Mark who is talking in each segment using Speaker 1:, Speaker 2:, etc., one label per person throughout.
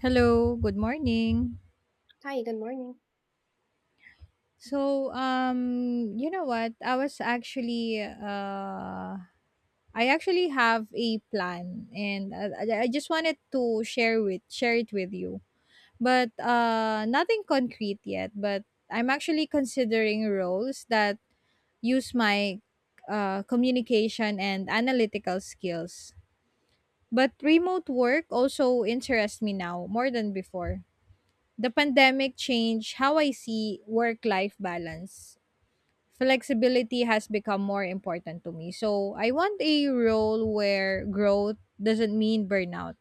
Speaker 1: Hello, good morning.
Speaker 2: Hi, good morning.
Speaker 1: So, you know what? I actually have a plan, and I just wanted to share it with you, but nothing concrete yet. But I'm actually considering roles that use my communication and analytical skills. But remote work also interests me now more than before. The pandemic changed how I see work life balance. Flexibility has become more important to me. So I want a role where growth doesn't mean burnout.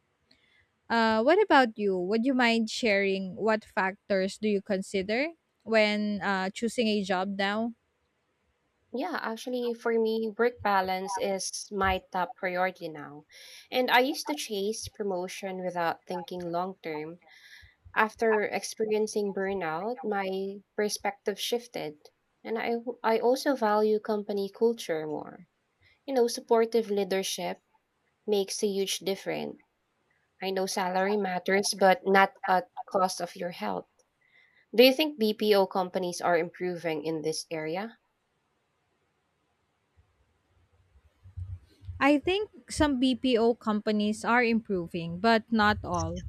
Speaker 1: What about you? Would you mind sharing what factors do you consider when choosing a job now?
Speaker 2: Yeah, actually, for me, work balance is my top priority now. And I used to chase promotion without thinking long term. After experiencing burnout, my perspective shifted. And I also value company culture more. You know, supportive leadership makes a huge difference. I know salary matters, but not at cost of your health. Do you think BPO companies are improving in this area?
Speaker 1: I think some BPO companies are improving, but not all.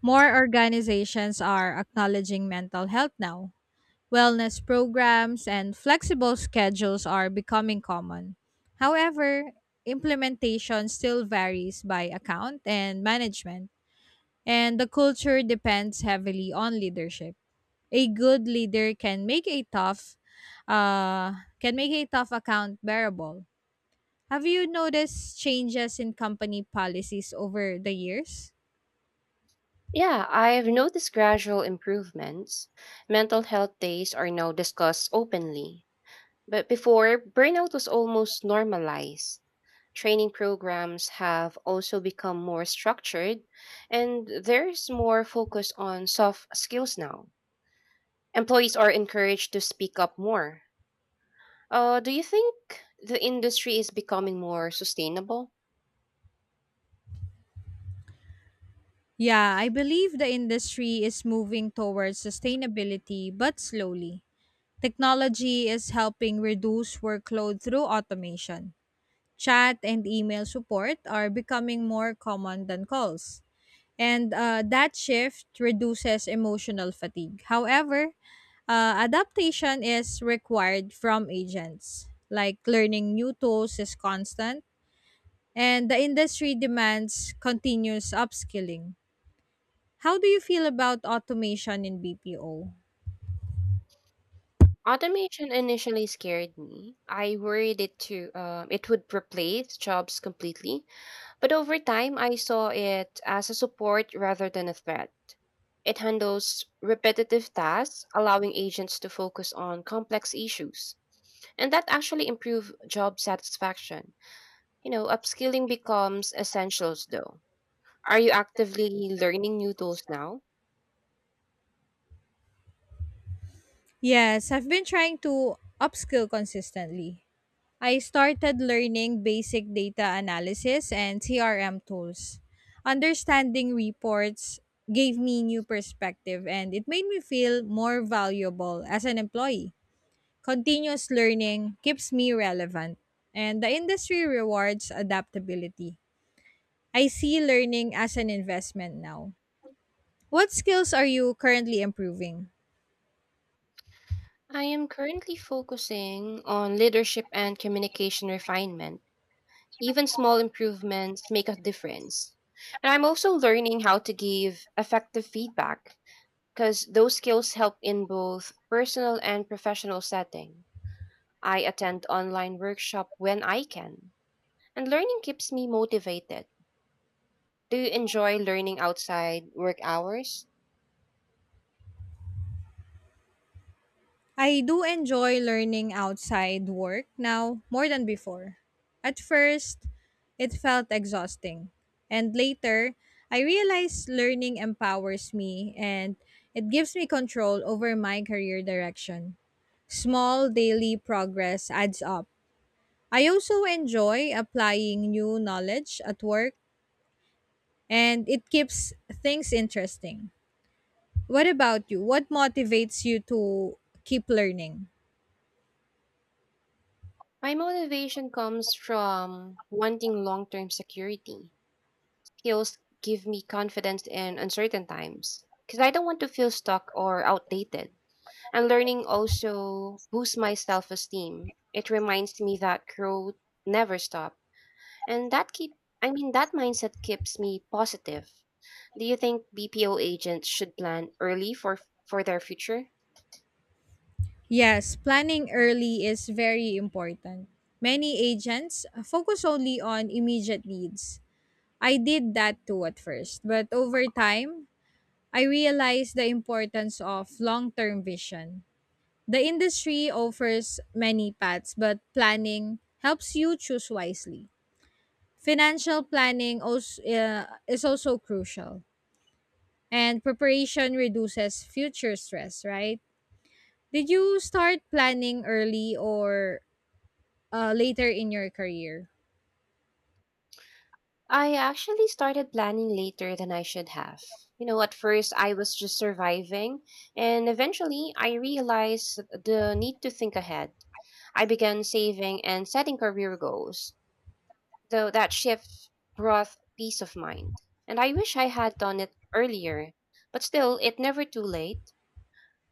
Speaker 1: More organizations are acknowledging mental health now. Wellness programs and flexible schedules are becoming common. However, implementation still varies by account and management, and the culture depends heavily on leadership. A good leader can make a tough account bearable. Have you noticed changes in company policies over the years?
Speaker 2: Yeah, I've noticed gradual improvements. Mental health days are now discussed openly. But before, burnout was almost normalized. Training programs have also become more structured, and there's more focus on soft skills now. Employees are encouraged to speak up more. Do you think the industry is becoming more sustainable?
Speaker 1: Yeah, I believe the industry is moving towards sustainability, but slowly. Technology is helping reduce workload through automation. Chat and email support are becoming more common than calls. And that shift reduces emotional fatigue. However, adaptation is required from agents. Like learning new tools is constant, and the industry demands continuous upskilling. How do you feel about automation in BPO?
Speaker 2: Automation initially scared me. I worried it to it would replace jobs completely. But over time, I saw it as a support rather than a threat. It handles repetitive tasks, allowing agents to focus on complex issues. And that actually improves job satisfaction. You know, upskilling becomes essentials though. Are you actively learning new tools now?
Speaker 1: Yes, I've been trying to upskill consistently. I started learning basic data analysis and CRM tools. Understanding reports gave me new perspective and it made me feel more valuable as an employee. Continuous learning keeps me relevant and the industry rewards adaptability. I see learning as an investment now. What skills are you currently improving?
Speaker 2: I am currently focusing on leadership and communication refinement. Even small improvements make a difference. And I'm also learning how to give effective feedback because those skills help in both personal and professional setting. I attend online workshop when I can, and learning keeps me motivated. Do you enjoy learning outside work hours?
Speaker 1: I do enjoy learning outside work now more than before. At first, it felt exhausting. And later, I realized learning empowers me and it gives me control over my career direction. Small daily progress adds up. I also enjoy applying new knowledge at work and it keeps things interesting. What about you? What motivates you to keep learning?
Speaker 2: My motivation comes from wanting long-term security. Skills give me confidence in uncertain times because I don't want to feel stuck or outdated. And learning also boosts my self-esteem. It reminds me that growth never stops. And that mindset keeps me positive. Do you think BPO agents should plan early for their future?
Speaker 1: Yes, planning early is very important. Many agents focus only on immediate needs. I did that too at first, but over time, I realized the importance of long term vision. The industry offers many paths, but planning helps you choose wisely. Financial planning is also crucial, and preparation reduces future stress, right? Did you start planning early or later in your career?
Speaker 2: I actually started planning later than I should have. You know, at first I was just surviving, and eventually I realized the need to think ahead. I began saving and setting career goals, though that shift brought peace of mind. And I wish I had done it earlier, but still, it's never too late.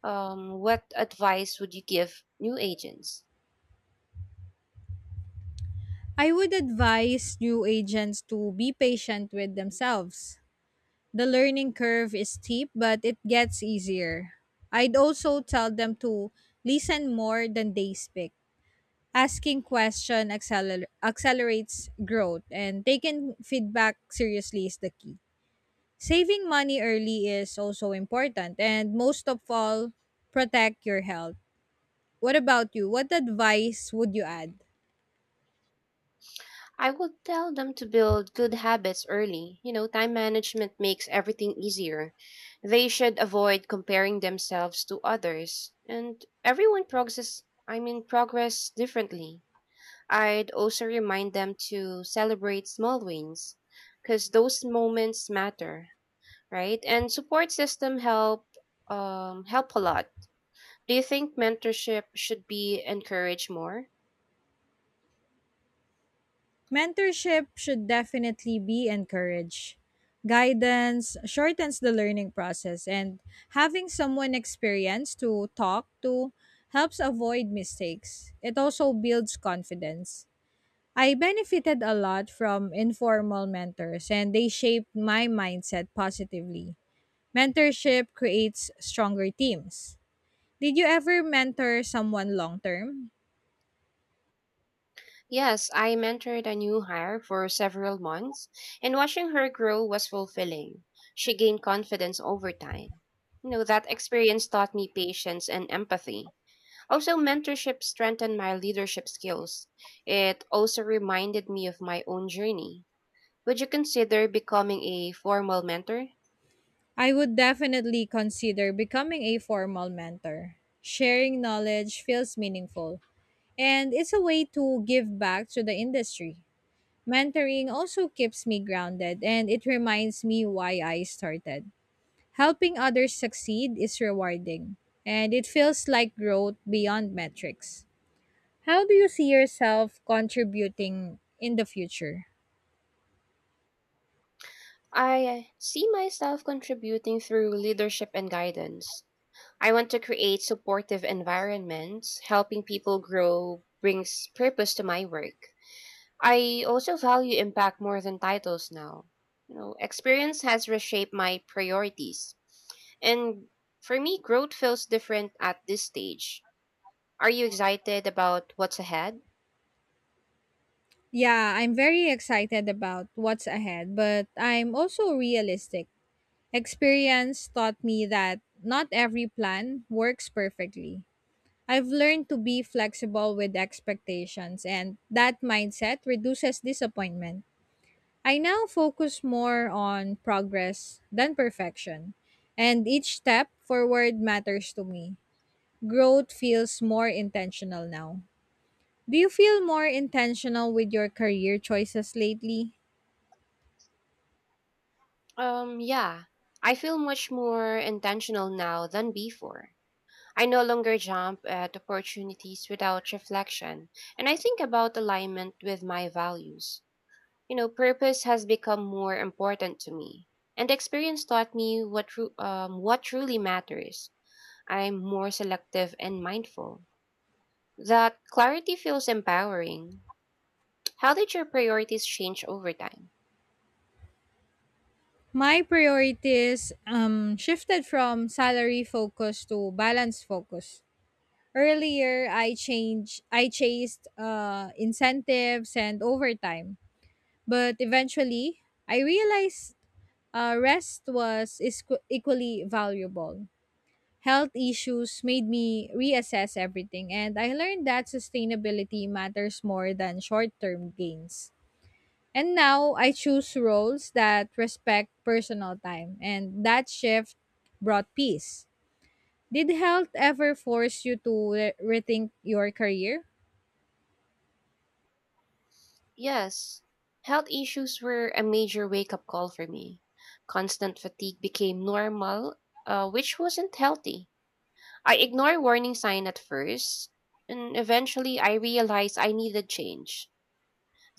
Speaker 2: What advice would you give new agents?
Speaker 1: I would advise new agents to be patient with themselves. The learning curve is steep, but it gets easier. I'd also tell them to listen more than they speak. Accelerates growth, and taking feedback seriously is the key. Saving money early is also important, and most of all, protect your health. What about you? What advice would you add?
Speaker 2: I would tell them to build good habits early. You know, time management makes everything easier. They should avoid comparing themselves to others. And everyone progresses, I mean, progress differently. I'd also remind them to celebrate small wins because those moments matter, right? And support system help, help a lot. Do you think mentorship should be encouraged more?
Speaker 1: Mentorship should definitely be encouraged. Guidance shortens the learning process, and having someone experienced to talk to helps avoid mistakes. It also builds confidence. I benefited a lot from informal mentors, and they shaped my mindset positively. Mentorship creates stronger teams. Did you ever mentor someone long term?
Speaker 2: Yes, I mentored a new hire for several months, and watching her grow was fulfilling. She gained confidence over time. You know, that experience taught me patience and empathy. Also, mentorship strengthened my leadership skills. It also reminded me of my own journey. Would you consider becoming a formal mentor?
Speaker 1: I would definitely consider becoming a formal mentor. Sharing knowledge feels meaningful, and it's a way to give back to the industry. Mentoring also keeps me grounded, and it reminds me why I started. Helping others succeed is rewarding, and it feels like growth beyond metrics. How do you see yourself contributing in the future?
Speaker 2: I see myself contributing through leadership and guidance. I want to create supportive environments. Helping people grow brings purpose to my work. I also value impact more than titles now. You know, experience has reshaped my priorities. And for me, growth feels different at this stage. Are you excited about what's ahead?
Speaker 1: Yeah, I'm very excited about what's ahead, but I'm also realistic. Experience taught me that not every plan works perfectly. I've learned to be flexible with expectations, and that mindset reduces disappointment. I now focus more on progress than perfection, and each step forward matters to me. Growth feels more intentional now. Do you feel more intentional with your career choices lately?
Speaker 2: Yeah. I feel much more intentional now than before. I no longer jump at opportunities without reflection, and I think about alignment with my values. You know, purpose has become more important to me, and experience taught me what truly matters. I'm more selective and mindful. That clarity feels empowering. How did your priorities change over time?
Speaker 1: My priorities shifted from salary focus to balance focus. Earlier, I chased incentives and overtime, but eventually, I realized rest equally valuable. Health issues made me reassess everything, and I learned that sustainability matters more than short-term gains. And now I choose roles that respect personal time, and that shift brought peace. Did health ever force you to re- rethink your career?
Speaker 2: Yes, health issues were a major wake up call for me. Constant fatigue became normal, which wasn't healthy. I ignore warning sign at first, and eventually I realize I needed change.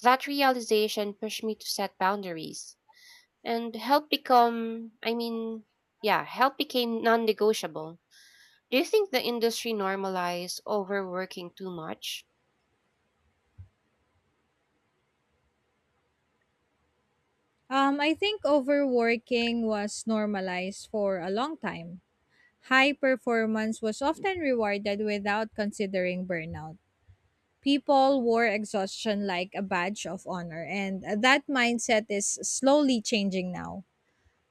Speaker 2: That realization pushed me to set boundaries and help become, I mean, yeah, help became non-negotiable. Do you think the industry normalized overworking too much?
Speaker 1: I think overworking was normalized for a long time. High performance was often rewarded without considering burnout. People wore exhaustion like a badge of honor, and that mindset is slowly changing now.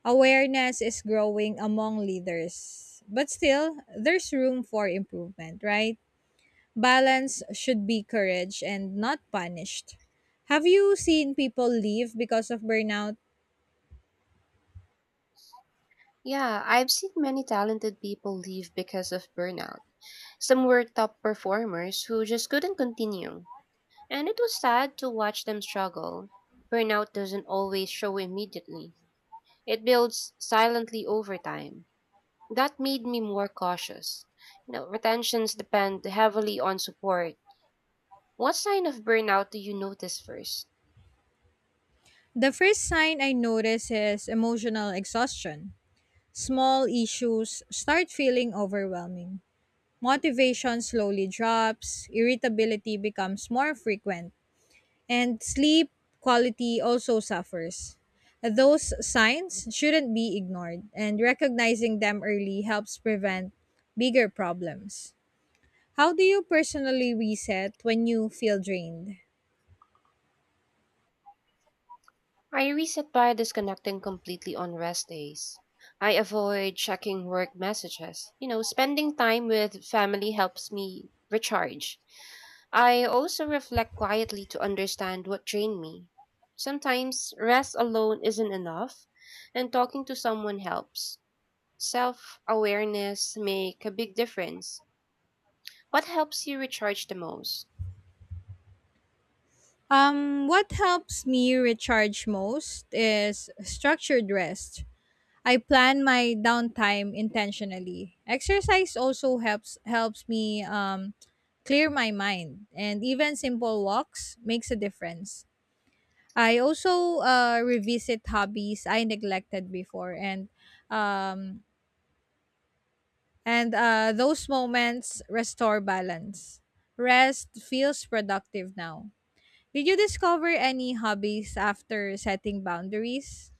Speaker 1: Awareness is growing among leaders, but still, there's room for improvement, right? Balance should be courage and not punished. Have you seen people leave because of burnout?
Speaker 2: Yeah, I've seen many talented people leave because of burnout. Some were top performers who just couldn't continue, and it was sad to watch them struggle. Burnout doesn't always show immediately. It builds silently over time. That made me more cautious. You know, retentions depend heavily on support. What sign of burnout do you notice first?
Speaker 1: The first sign I notice is emotional exhaustion. Small issues start feeling overwhelming. Motivation slowly drops, irritability becomes more frequent and sleep quality also suffers. Those signs shouldn't be ignored, and recognizing them early helps prevent bigger problems. How do you personally reset when you feel drained?
Speaker 2: I reset by disconnecting completely on rest days. I avoid checking work messages. You know, spending time with family helps me recharge. I also reflect quietly to understand what drained me. Sometimes rest alone isn't enough, and talking to someone helps. Self awareness make a big difference. What helps you recharge the most?
Speaker 1: What helps me recharge most is structured rest. I plan my downtime intentionally. Exercise also helps me clear my mind, and even simple walks makes a difference. I also revisit hobbies I neglected before, um, and those moments restore balance. Rest feels productive now. Did you discover any hobbies after setting boundaries?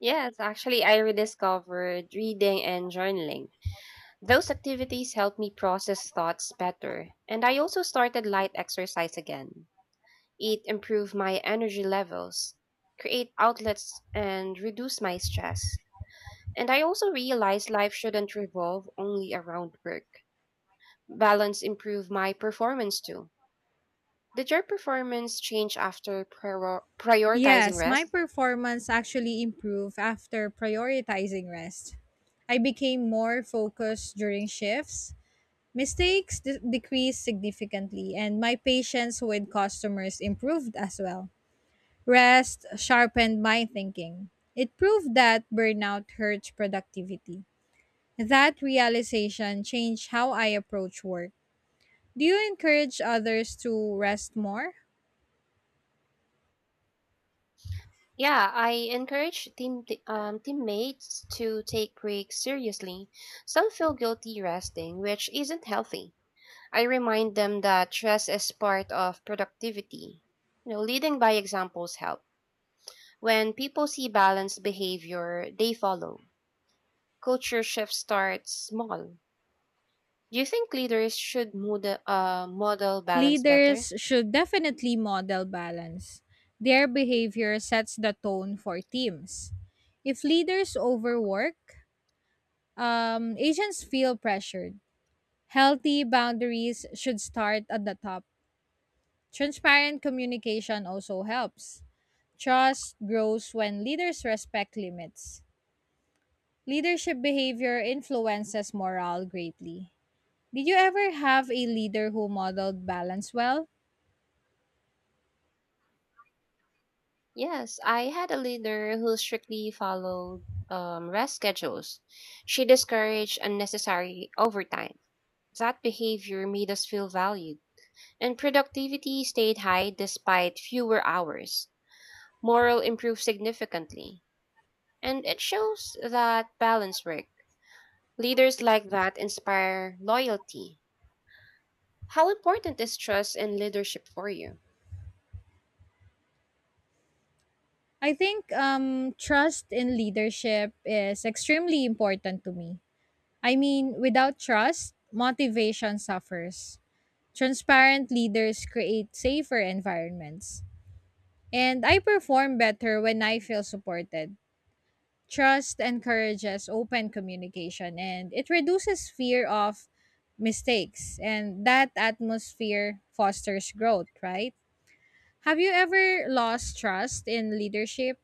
Speaker 2: Yes, actually, I rediscovered reading and journaling. Those activities help me process thoughts better, and I also started light exercise again. It improved my energy levels, create outlets, and reduce my stress. And I also realized life shouldn't revolve only around work. Balance improved my performance too. Did your performance change after prioritizing
Speaker 1: Yes, my
Speaker 2: rest?
Speaker 1: performance actually improved after prioritizing rest. I became more focused during shifts. Mistakes decreased significantly, and my patience with customers improved as well. Rest sharpened my thinking. It proved that burnout hurts productivity. That realization changed how I approach work. Do you encourage others to rest more?
Speaker 2: Yeah, I encourage teammates to take breaks seriously. Some feel guilty resting, which isn't healthy. I remind them that stress is part of productivity. You know, leading by examples help. When people see balanced behavior, they follow. Culture shift starts small. Do you think leaders should model, model balance better?
Speaker 1: Leaders should definitely model balance. Their behavior sets the tone for teams. If leaders overwork, agents feel pressured. Healthy boundaries should start at the top. Transparent communication also helps. Trust grows when leaders respect limits. Leadership behavior influences morale greatly. Did you ever have a leader who modeled balance well?
Speaker 2: Yes, I had a leader who strictly followed, rest schedules. She discouraged unnecessary overtime. That behavior made us feel valued, and productivity stayed high despite fewer hours. Morale improved significantly, and it shows that balance work. Leaders like that inspire loyalty. How important is trust in leadership for you?
Speaker 1: I think trust in leadership is extremely important to me. I mean, without trust, motivation suffers. Transparent leaders create safer environments. And I perform better when I feel supported. Trust encourages open communication and it reduces fear of mistakes, and that atmosphere fosters growth, right? Have you ever lost trust in leadership?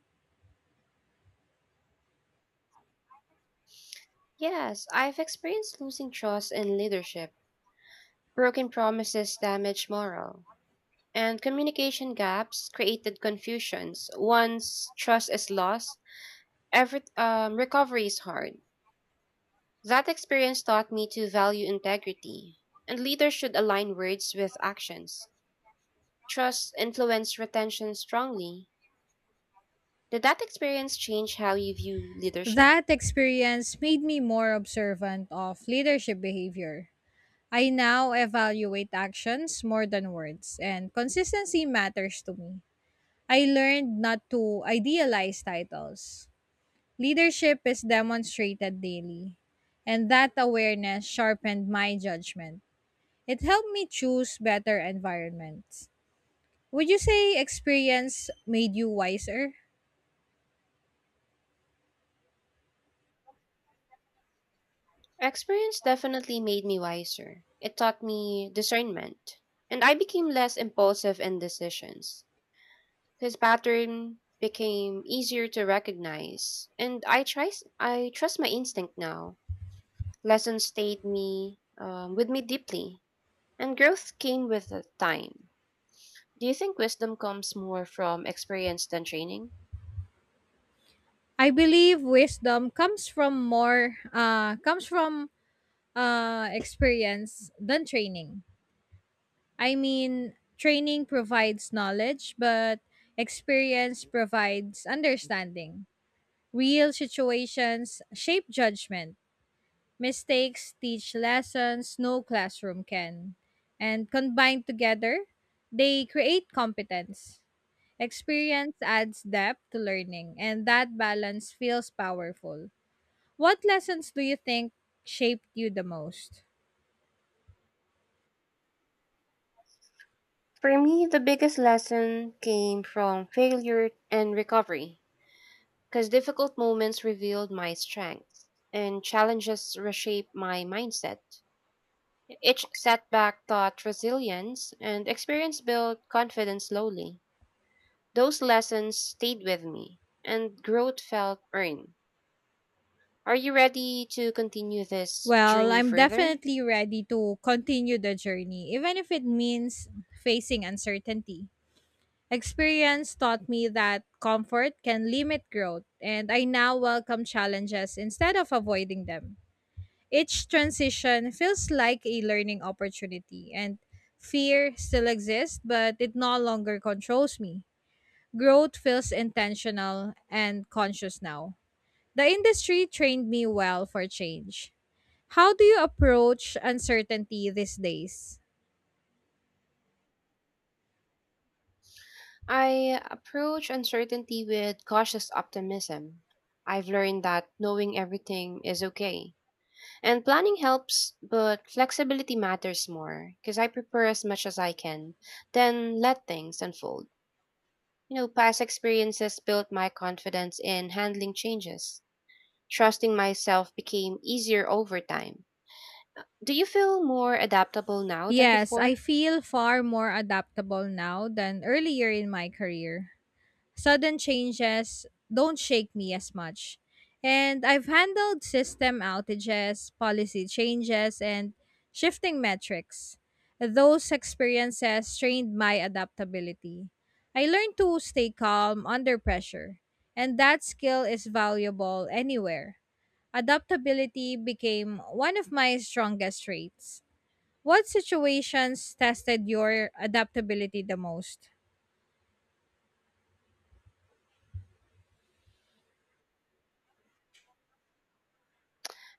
Speaker 2: Yes, I've experienced losing trust in leadership. Broken promises damage morale and communication gaps created confusions. Once trust is lost, recovery is hard. That experience taught me to value integrity, and leaders should align words with actions. Trust influenced retention strongly. Did that experience change how you view leadership?
Speaker 1: That experience made me more observant of leadership behavior. I now evaluate actions more than words, and consistency matters to me. I learned not to idealize titles. Leadership is demonstrated daily, and that awareness sharpened my judgment. It helped me choose better environments. Would you say experience made you wiser?
Speaker 2: Experience definitely made me wiser. It taught me discernment, and I became less impulsive in decisions. His pattern became easier to recognize, and I trust my instinct now. Lessons stayed me, with me deeply, and growth came with the time. Do you think wisdom comes more from experience than training?
Speaker 1: I believe wisdom comes from experience than training. I mean, training provides knowledge, but experience provides understanding. Real situations shape judgment. Mistakes teach lessons no classroom can. And combined together, they create competence. Experience adds depth to learning, and that balance feels powerful. What lessons do you think shaped you the most?
Speaker 2: For me, the biggest lesson came from failure and recovery, because difficult moments revealed my strengths and challenges reshaped my mindset. Each setback taught resilience, and experience built confidence slowly. Those lessons stayed with me, and growth felt earned. Are you ready to continue this
Speaker 1: Well,
Speaker 2: journey
Speaker 1: I'm
Speaker 2: further?
Speaker 1: definitely ready to continue the journey, even if it means facing uncertainty. Experience taught me that comfort can limit growth, and I now welcome challenges instead of avoiding them. Each transition feels like a learning opportunity, and fear still exists, but it no longer controls me. Growth feels intentional and conscious now. The industry trained me well for change. How do you approach uncertainty these days?
Speaker 2: I approach uncertainty with cautious optimism. I've learned that knowing everything is okay. And planning helps, but flexibility matters more because I prepare as much as I can, then let things unfold. You know, past experiences built my confidence in handling changes. Trusting myself became easier over time. Do you feel more adaptable now than
Speaker 1: Yes, I
Speaker 2: before?
Speaker 1: feel far more adaptable now than earlier in my career. Sudden changes don't shake me as much. And I've handled system outages, policy changes, and shifting metrics. Those experiences trained my adaptability. I learned to stay calm under pressure, and that skill is valuable anywhere. Adaptability became one of my strongest traits. What situations tested your adaptability the most?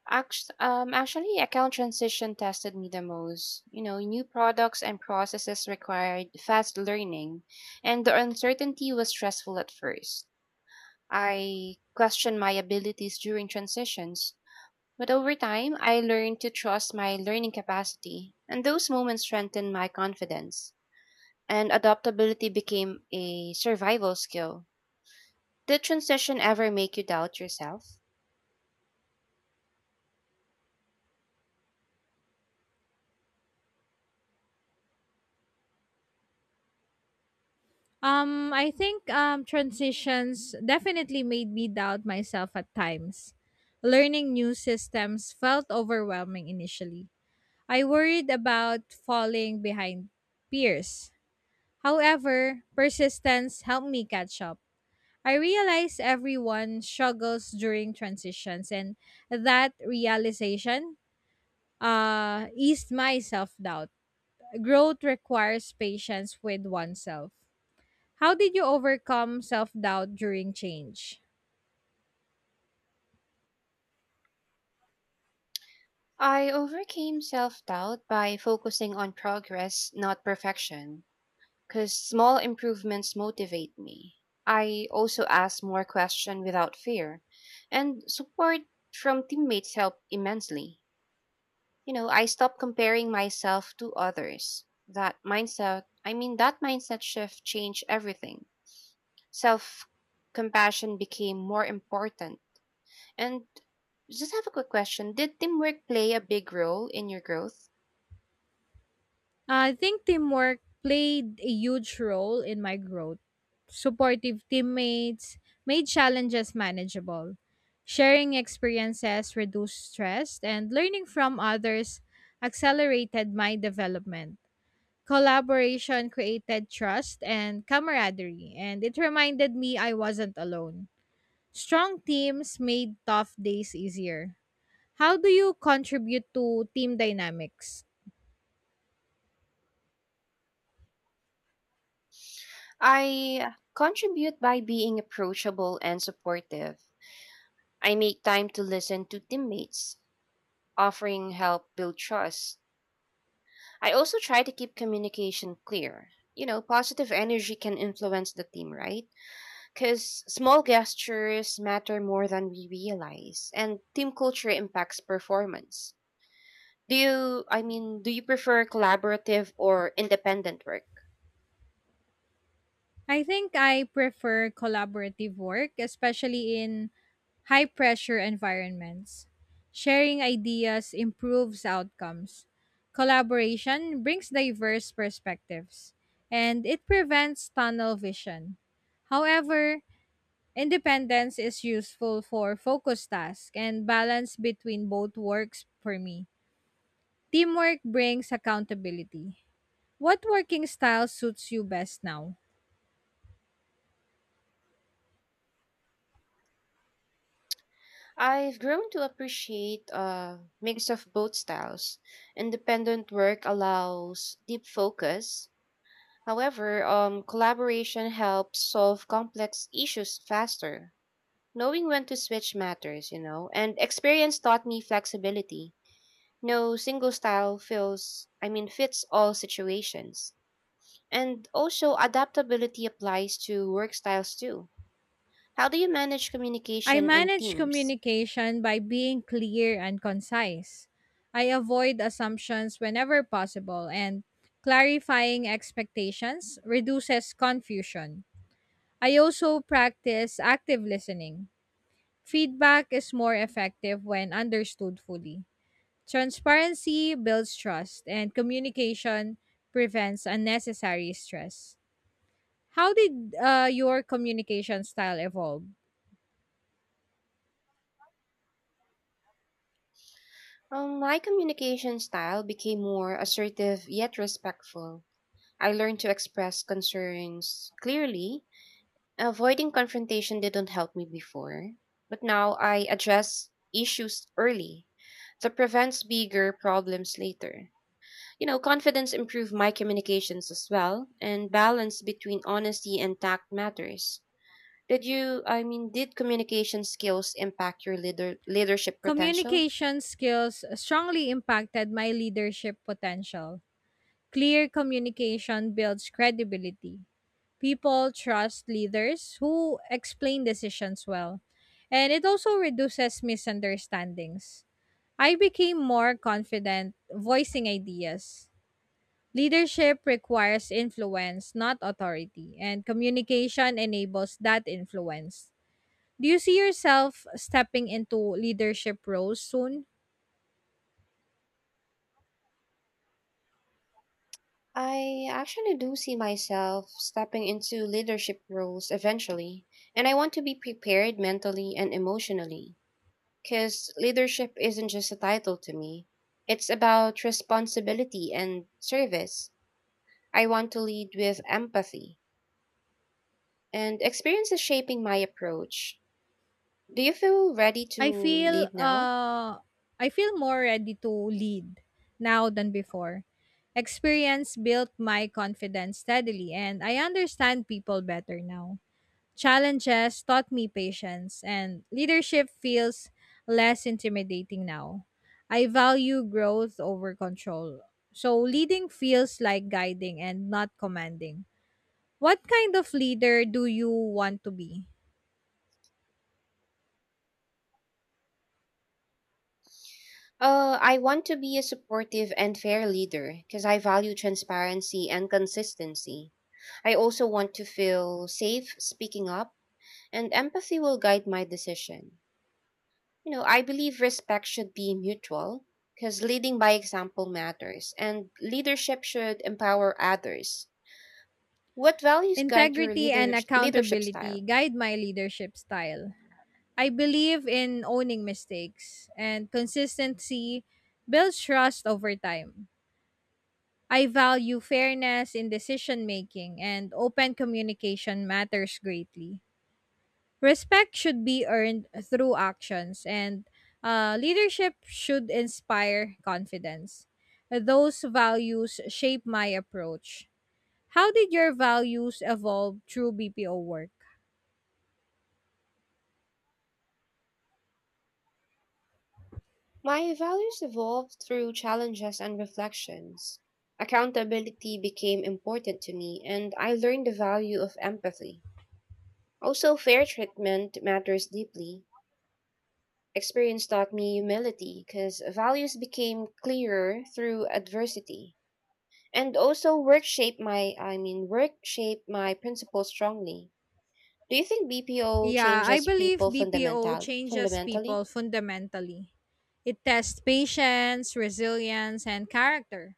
Speaker 2: Actually, account transition tested me the most. You know, new products and processes required fast learning, and the uncertainty was stressful at first. I questioned my abilities during transitions, but over time, I learned to trust my learning capacity, and those moments strengthened my confidence. And adaptability became a survival skill. Did transition ever make you doubt yourself?
Speaker 1: I think transitions definitely made me doubt myself at times. Learning new systems felt overwhelming initially. I worried about falling behind peers. However, persistence helped me catch up. I realized everyone struggles during transitions, and that realization eased my self doubt. Growth requires patience with oneself. How did you overcome self doubt during change?
Speaker 2: I overcame self doubt by focusing on progress, not perfection, because small improvements motivate me. I also ask more questions without fear, and support from teammates helped immensely. You know, I stopped comparing myself to others. That mindset shift changed everything. Self compassion became more important. And just have a quick question. Did teamwork play a big role in your growth?
Speaker 1: I think teamwork played a huge role in my growth. Supportive teammates made challenges manageable. Sharing experiences reduced stress, and learning from others accelerated my development. Collaboration created trust and camaraderie, and it reminded me I wasn't alone. Strong teams made tough days easier. How do you contribute to team dynamics?
Speaker 2: I contribute by being approachable and supportive. I make time to listen to teammates, offering help build trust. I also try to keep communication clear. You know, positive energy can influence the team, right? Because small gestures matter more than we realize, and team culture impacts performance. Do you prefer collaborative or independent work?
Speaker 1: I think I prefer collaborative work, especially in high pressure environments. Sharing ideas improves outcomes. Collaboration brings diverse perspectives and it prevents tunnel vision. However, independence is useful for focus tasks and balance between both works for me. Teamwork brings accountability. What working style suits you best now?
Speaker 2: I've grown to appreciate a mix of both styles. Independent work allows deep focus. However, collaboration helps solve complex issues faster. Knowing when to switch matters, you know, and experience taught me flexibility. No single style fits all situations. And also, adaptability applies to work styles too. How do you manage
Speaker 1: I
Speaker 2: communication in
Speaker 1: manage
Speaker 2: teams?
Speaker 1: communication by being clear and concise. I avoid assumptions whenever possible, and clarifying expectations reduces confusion. I also practice active listening. Feedback is more effective when understood fully. Transparency builds trust, and communication prevents unnecessary stress. How did your communication style evolve?
Speaker 2: My communication style became more assertive yet respectful. I learned to express concerns clearly. Avoiding confrontation didn't help me before, but now I address issues early. That prevents bigger problems later. You know, confidence improved my communications as well, and balance between honesty and tact matters. Did communication skills impact your leadership potential?
Speaker 1: Communication skills strongly impacted my leadership potential. Clear communication builds credibility. People trust leaders who explain decisions well, and it also reduces misunderstandings. I became more confident voicing ideas. Leadership requires influence, not authority, and communication enables that influence. Do you see yourself stepping into leadership roles soon?
Speaker 2: I actually do see myself stepping into leadership roles eventually, and I want to be prepared mentally and emotionally. Because leadership isn't just a title to me, it's about responsibility and service. I want to lead with empathy, and experience is shaping my approach. Do you feel ready to
Speaker 1: I feel
Speaker 2: lead now?
Speaker 1: uh I feel more ready to lead now than before. Experience built my confidence steadily and I understand people better now. Challenges taught me patience and leadership feels less intimidating now. I value growth over control. So leading feels like guiding and not commanding. What kind of leader do you want to be?
Speaker 2: I want to be a supportive and fair leader because I value transparency and consistency. I also want to feel safe speaking up, and empathy will guide my decision. You know, I believe respect should be mutual because leading by example matters, and leadership should empower others. What values guide your
Speaker 1: Integrity and
Speaker 2: leadership
Speaker 1: accountability
Speaker 2: style?
Speaker 1: guide my leadership style. I believe in owning mistakes, and consistency builds trust over time. I value fairness in decision making, and open communication matters greatly. Respect should be earned through actions, and leadership should inspire confidence. Those values shape my approach. How did your values evolve through BPO work?
Speaker 2: My values evolved through challenges and reflections. Accountability became important to me, and I learned the value of empathy. Also, fair treatment matters deeply. Experience taught me humility because values became clearer through adversity. And also, work shaped my principles strongly. Do you think BPO
Speaker 1: Yeah, I
Speaker 2: changes people
Speaker 1: believe BPO changes
Speaker 2: fundamentally?
Speaker 1: people fundamentally. It tests patience, resilience, and character.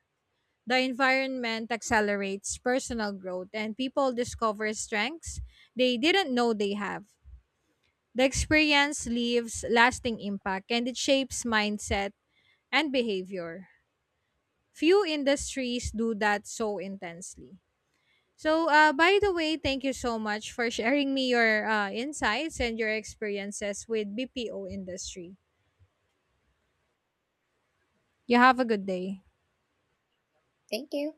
Speaker 1: The environment accelerates personal growth and people discover strengths they didn't know they have. The experience leaves lasting impact and it shapes mindset and behavior. Few industries do that so intensely. So, by the way, thank you so much for sharing me your insights and your experiences with BPO industry. You have a good day.
Speaker 2: Thank you.